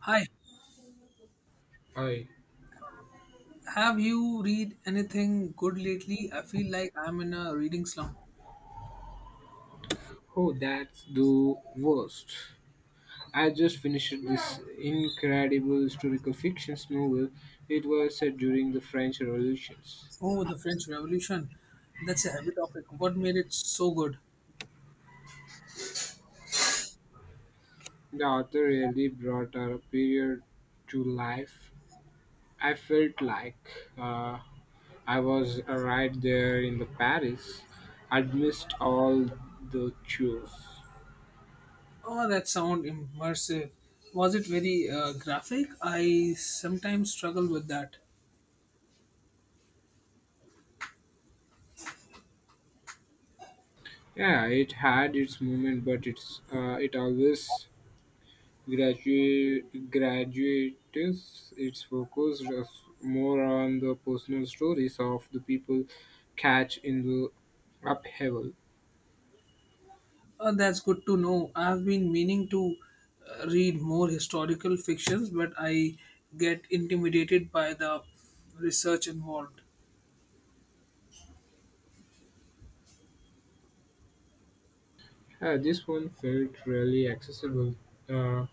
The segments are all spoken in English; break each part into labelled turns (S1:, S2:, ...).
S1: Hi,
S2: I
S1: have you read anything good lately? I feel like I'm in a reading slump.
S2: oh, that's the worst. I just finished this incredible historical fiction novel. It was set during the French Revolutions.
S1: Oh, the French Revolution. That's a heavy topic. What made it so good?
S2: The author really brought our period to life. I felt like I was right there in the Paris. I'd missed all the chores.
S1: Oh, that sound immersive. Was it very graphic? I sometimes struggle with that.
S2: Yeah, it had its moment, but it always graduates it's focused more on the personal stories of the people catch in the upheaval.
S1: Oh, that's good to know. I've been meaning to read more historical fictions, but I get intimidated by the research involved.
S2: This one felt really accessible. Uh,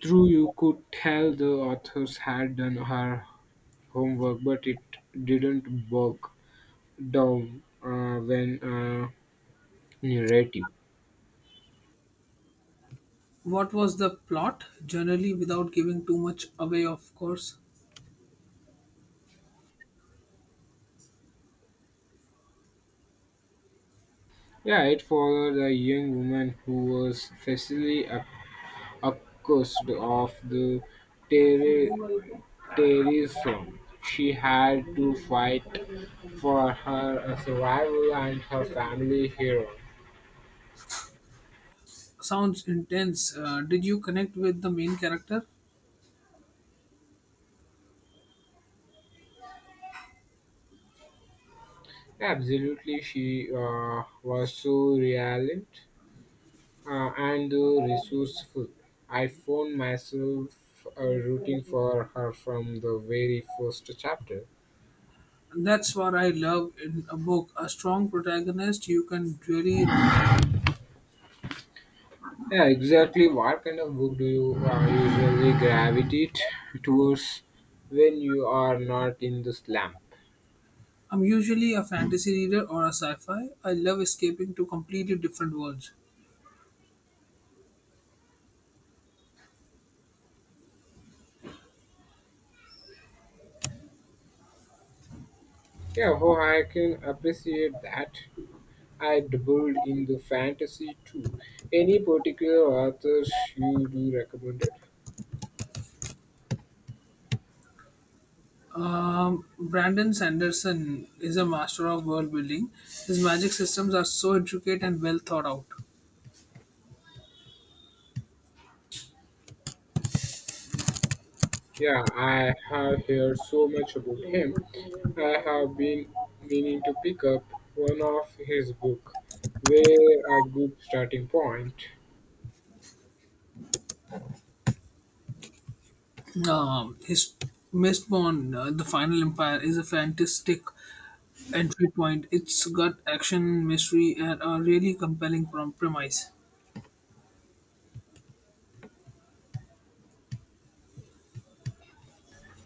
S2: true, you could tell the authors had done her homework, but it didn't work down when narrative.
S1: What was the plot, generally, without giving too much away, of course?
S2: Yeah, it followed a young woman who was facilely accused of the terror- terrorism. She had to fight for her survival and her family here.
S1: Sounds intense. Did you connect with the main character?
S2: Absolutely, she was so reliant, and resourceful. I found myself rooting for her from the very first chapter.
S1: That's what I love in a book. A strong protagonist you can really invest.
S2: Yeah, exactly. What kind of book do you usually gravitate towards when you are not in the slump?
S1: I'm usually a fantasy reader or a sci-fi. I love escaping to completely different worlds.
S2: Yeah, oh, I can appreciate that. I dabbled in the fantasy too. Any particular authors you do recommend it?
S1: Brandon Sanderson is a master of world building. His magic systems are so intricate and well thought out.
S2: Yeah, I have heard so much about him. I have been meaning to pick up one of his book. Where a good starting point.
S1: His Mistborn, the Final Empire, is a fantastic entry point. It's got action, mystery, and a really compelling premise.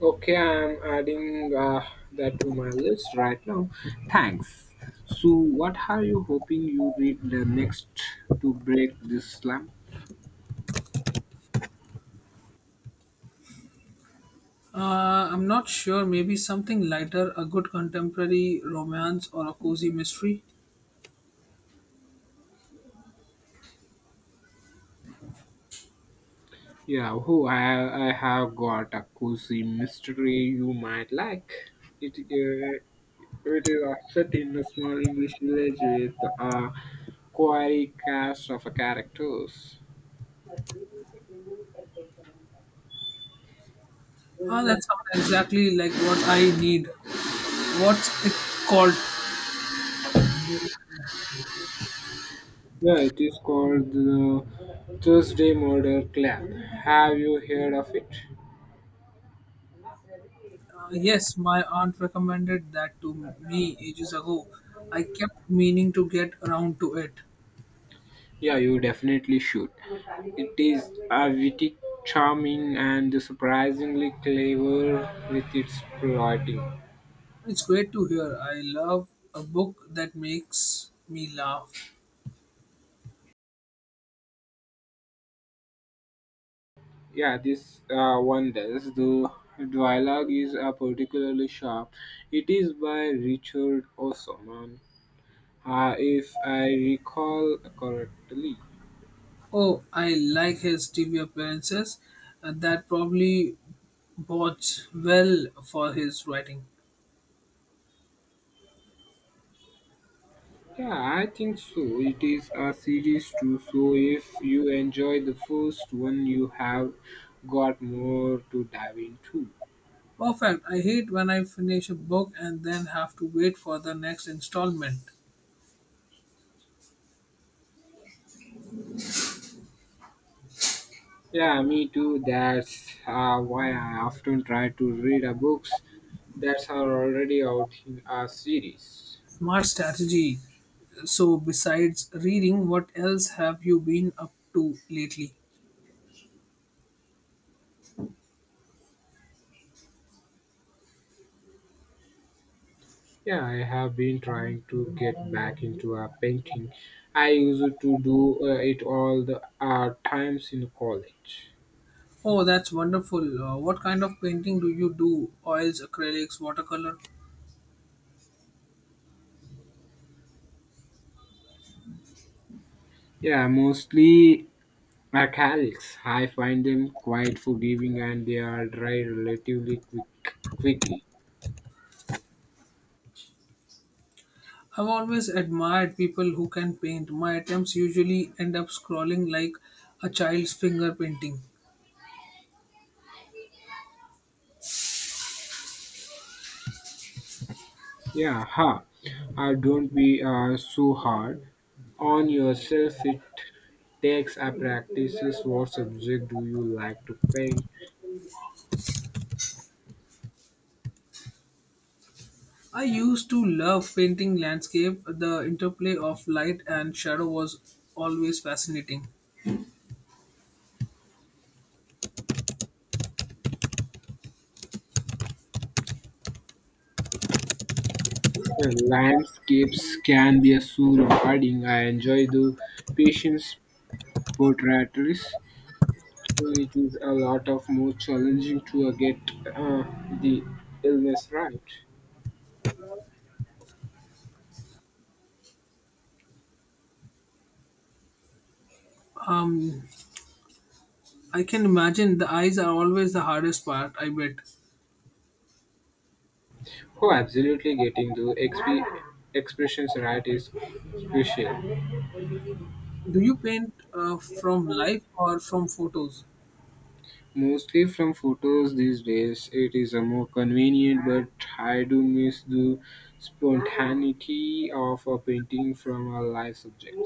S2: Okay, I'm adding that to my list right now. Thanks. So, what are you hoping you read the next to break this slump?
S1: I'm not sure, maybe something lighter, a good contemporary romance or a cozy mystery.
S2: Yeah, oh, I have got a cozy mystery you might like. It, it is set in a small English village with a quirky cast of characters.
S1: Ah, that sounds exactly like what I need. What's it called?
S2: Yeah, it is called the Thursday Murder Club. Have you heard of it?
S1: Yes, my aunt recommended that to me ages ago. I kept meaning to get around to it.
S2: Yeah, you definitely should. It is a witty, charming, and surprisingly clever with its plotting.
S1: It's great to hear. I love a book that makes me laugh.
S2: Yeah, this one does. The dialogue is particularly sharp. It is by Richard Osman, if I recall correctly.
S1: Oh, I like his TV appearances. That probably bodes well for his writing.
S2: Yeah, I think so. It is a series too, so if you enjoy the first one, you have got more to dive into.
S1: Perfect. I hate when I finish a book and then have to wait for the next installment.
S2: Yeah, me too. That's why I often try to read a books that are already out in a series.
S1: Smart strategy. So, besides reading, what else have you been up to lately?
S2: Yeah, I have been trying to get back into a painting. I used to do it all the times in college.
S1: Oh, that's wonderful. What kind of painting do you do? Oils, acrylics, watercolor?
S2: Yeah, mostly acrylics. I find them quite forgiving and they are dry relatively quickly.
S1: I've always admired people who can paint. My attempts usually end up scrawling like a child's finger painting.
S2: Yeah, ha. Don't be so hard on yourself. It takes a practices. What subject do you like to paint?
S1: I used to love painting landscape. The interplay of light and shadow was always fascinating.
S2: Well, landscapes can be so rewarding. I enjoy the patience portraits. So it is a lot of more challenging to get uh, the illness right.
S1: Um, I can imagine the eyes are always the hardest part, I bet.
S2: Oh, absolutely! Getting the expressions right is crucial.
S1: Do you paint from life or from photos?
S2: Mostly from photos these days, it is a more convenient, but I do miss the spontaneity of a painting from a live subject.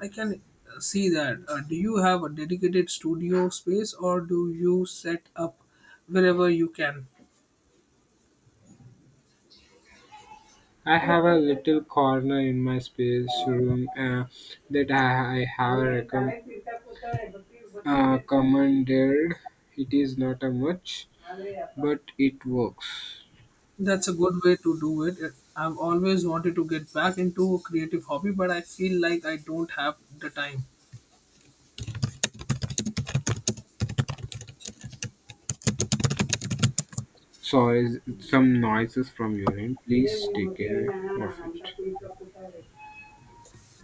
S1: I can see that. Do you have a dedicated studio space or do you set up wherever you can?
S2: I have a little corner in my space room that I have recommended. Commanded. It is not a much, but it works.
S1: That's a good way to do it. I've always wanted to get back into a creative hobby, but I feel like I don't have the time.
S2: Sorry, some noises from your end. Please take care of it.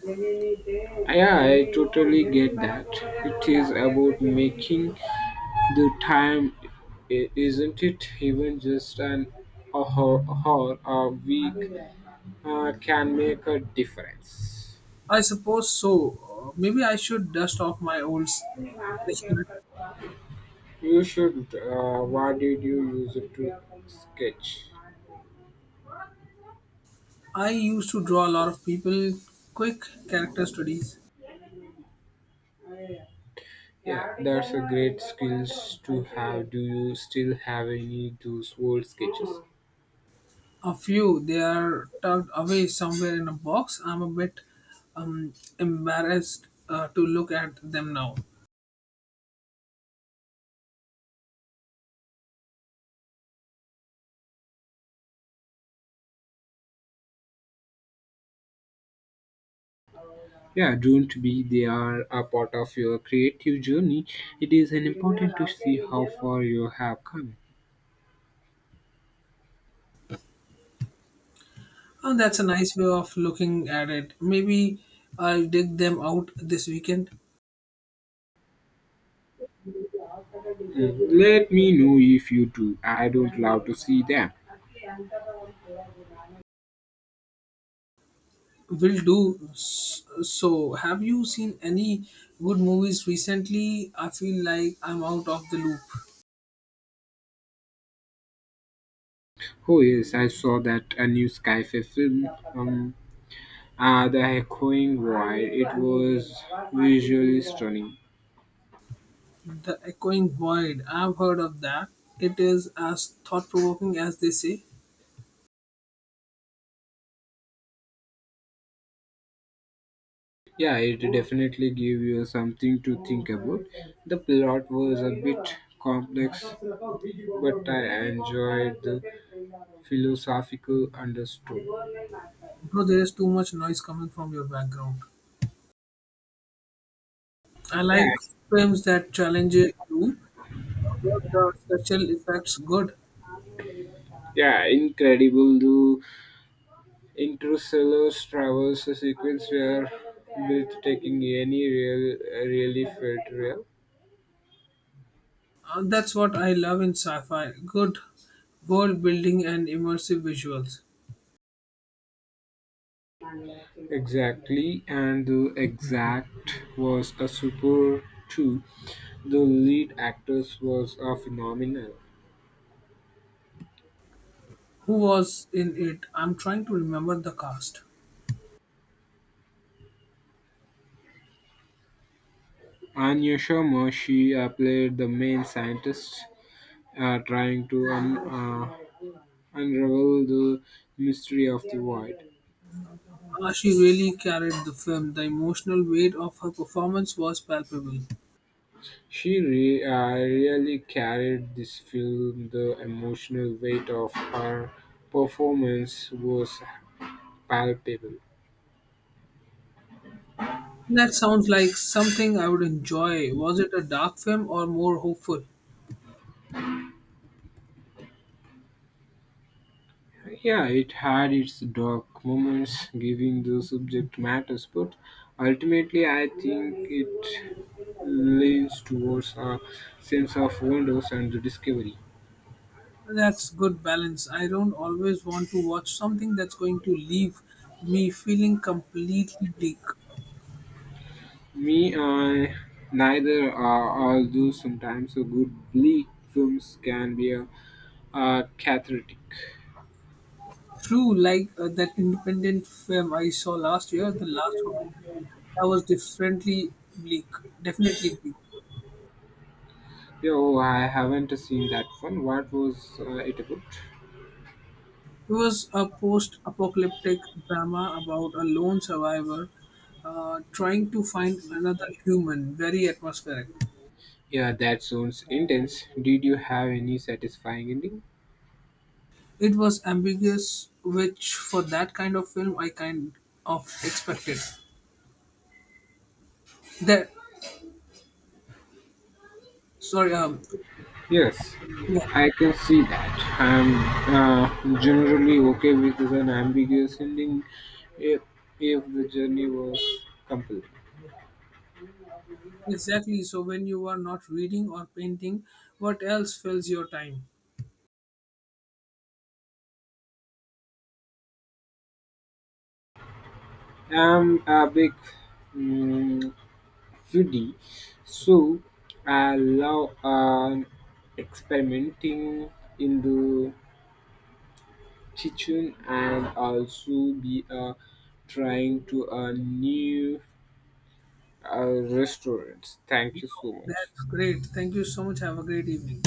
S2: Yeah, I totally get that. It is about making the time, isn't it? Even just an hour a week can make a difference.
S1: I suppose so. Maybe I should dust off my old.
S2: You should. What did you use it to sketch?
S1: I used to draw a lot of people, quick character studies.
S2: Yeah, that's a great skills to have. Do you still have any those old sketches?
S1: A few, they are tucked away somewhere in a box. I'm a bit embarrassed to look at them now.
S2: Yeah, don't be they are a part of your creative journey. It is an important to see how far you have come.
S1: And that's a nice way of looking at it. Maybe I'll dig them out this weekend.
S2: Mm, let me know if you do. I don't love to see them.
S1: Will do. So, have you seen any good movies recently? I feel like I'm out of the loop.
S2: Oh yes, I saw that a new Skyfair film. Um, the Echoing Wire. It was visually stunning.
S1: The Echoing Void. I've heard of that. It is as thought provoking as they say.
S2: Yeah, it definitely gave you something to think about. The plot was a bit complex, but I enjoyed the philosophical undertone.
S1: Bro, there is too much noise coming from your background. I like
S2: Yeah,
S1: films that challenge you. Were the special effects good?
S2: yeah, incredible. The interstellar travels sequence were breathtaking. Any real, really felt real.
S1: That's what I love in sci-fi. Good world building and immersive visuals.
S2: Exactly, and the exact was a super too. The lead actress was a phenomenal.
S1: Who was in it? I'm trying to remember the cast.
S2: Anya Sharma, she played the main scientist trying to unravel the mystery of the void.
S1: She really carried the film. The emotional weight of her performance was palpable.
S2: Really carried this film. The emotional weight of her performance was palpable.
S1: That sounds like something I would enjoy. Was it a dark film or more hopeful?
S2: Yeah, it had its dark moments, giving the subject matters, but ultimately, I think it leans towards a sense of wonders and the discovery.
S1: That's good balance. I don't always want to watch something that's going to leave me feeling completely bleak.
S2: Me, I neither are, although sometimes a good bleak films can be a cathartic.
S1: True, like that independent film I saw last year, the last one, that was differently bleak, definitely bleak.
S2: Yo, I haven't seen that one. What was it about?
S1: It was a post apocalyptic drama about a lone survivor trying to find another human, very atmospheric.
S2: Yeah, that sounds intense. Did you have any satisfying ending?
S1: It was ambiguous, which for that kind of film I kind of expected. That sorry, um,
S2: Yes,
S1: yeah,
S2: I can see that. I'm generally okay with an ambiguous ending if, if the journey was compelling.
S1: exactly. So when you are not reading or painting, what else fills your time?
S2: I'm a big mm foodie, so I love experimenting in the kitchen and also be trying to new restaurants. Thank you so much.
S1: That's great. Thank you so much. Have a great evening.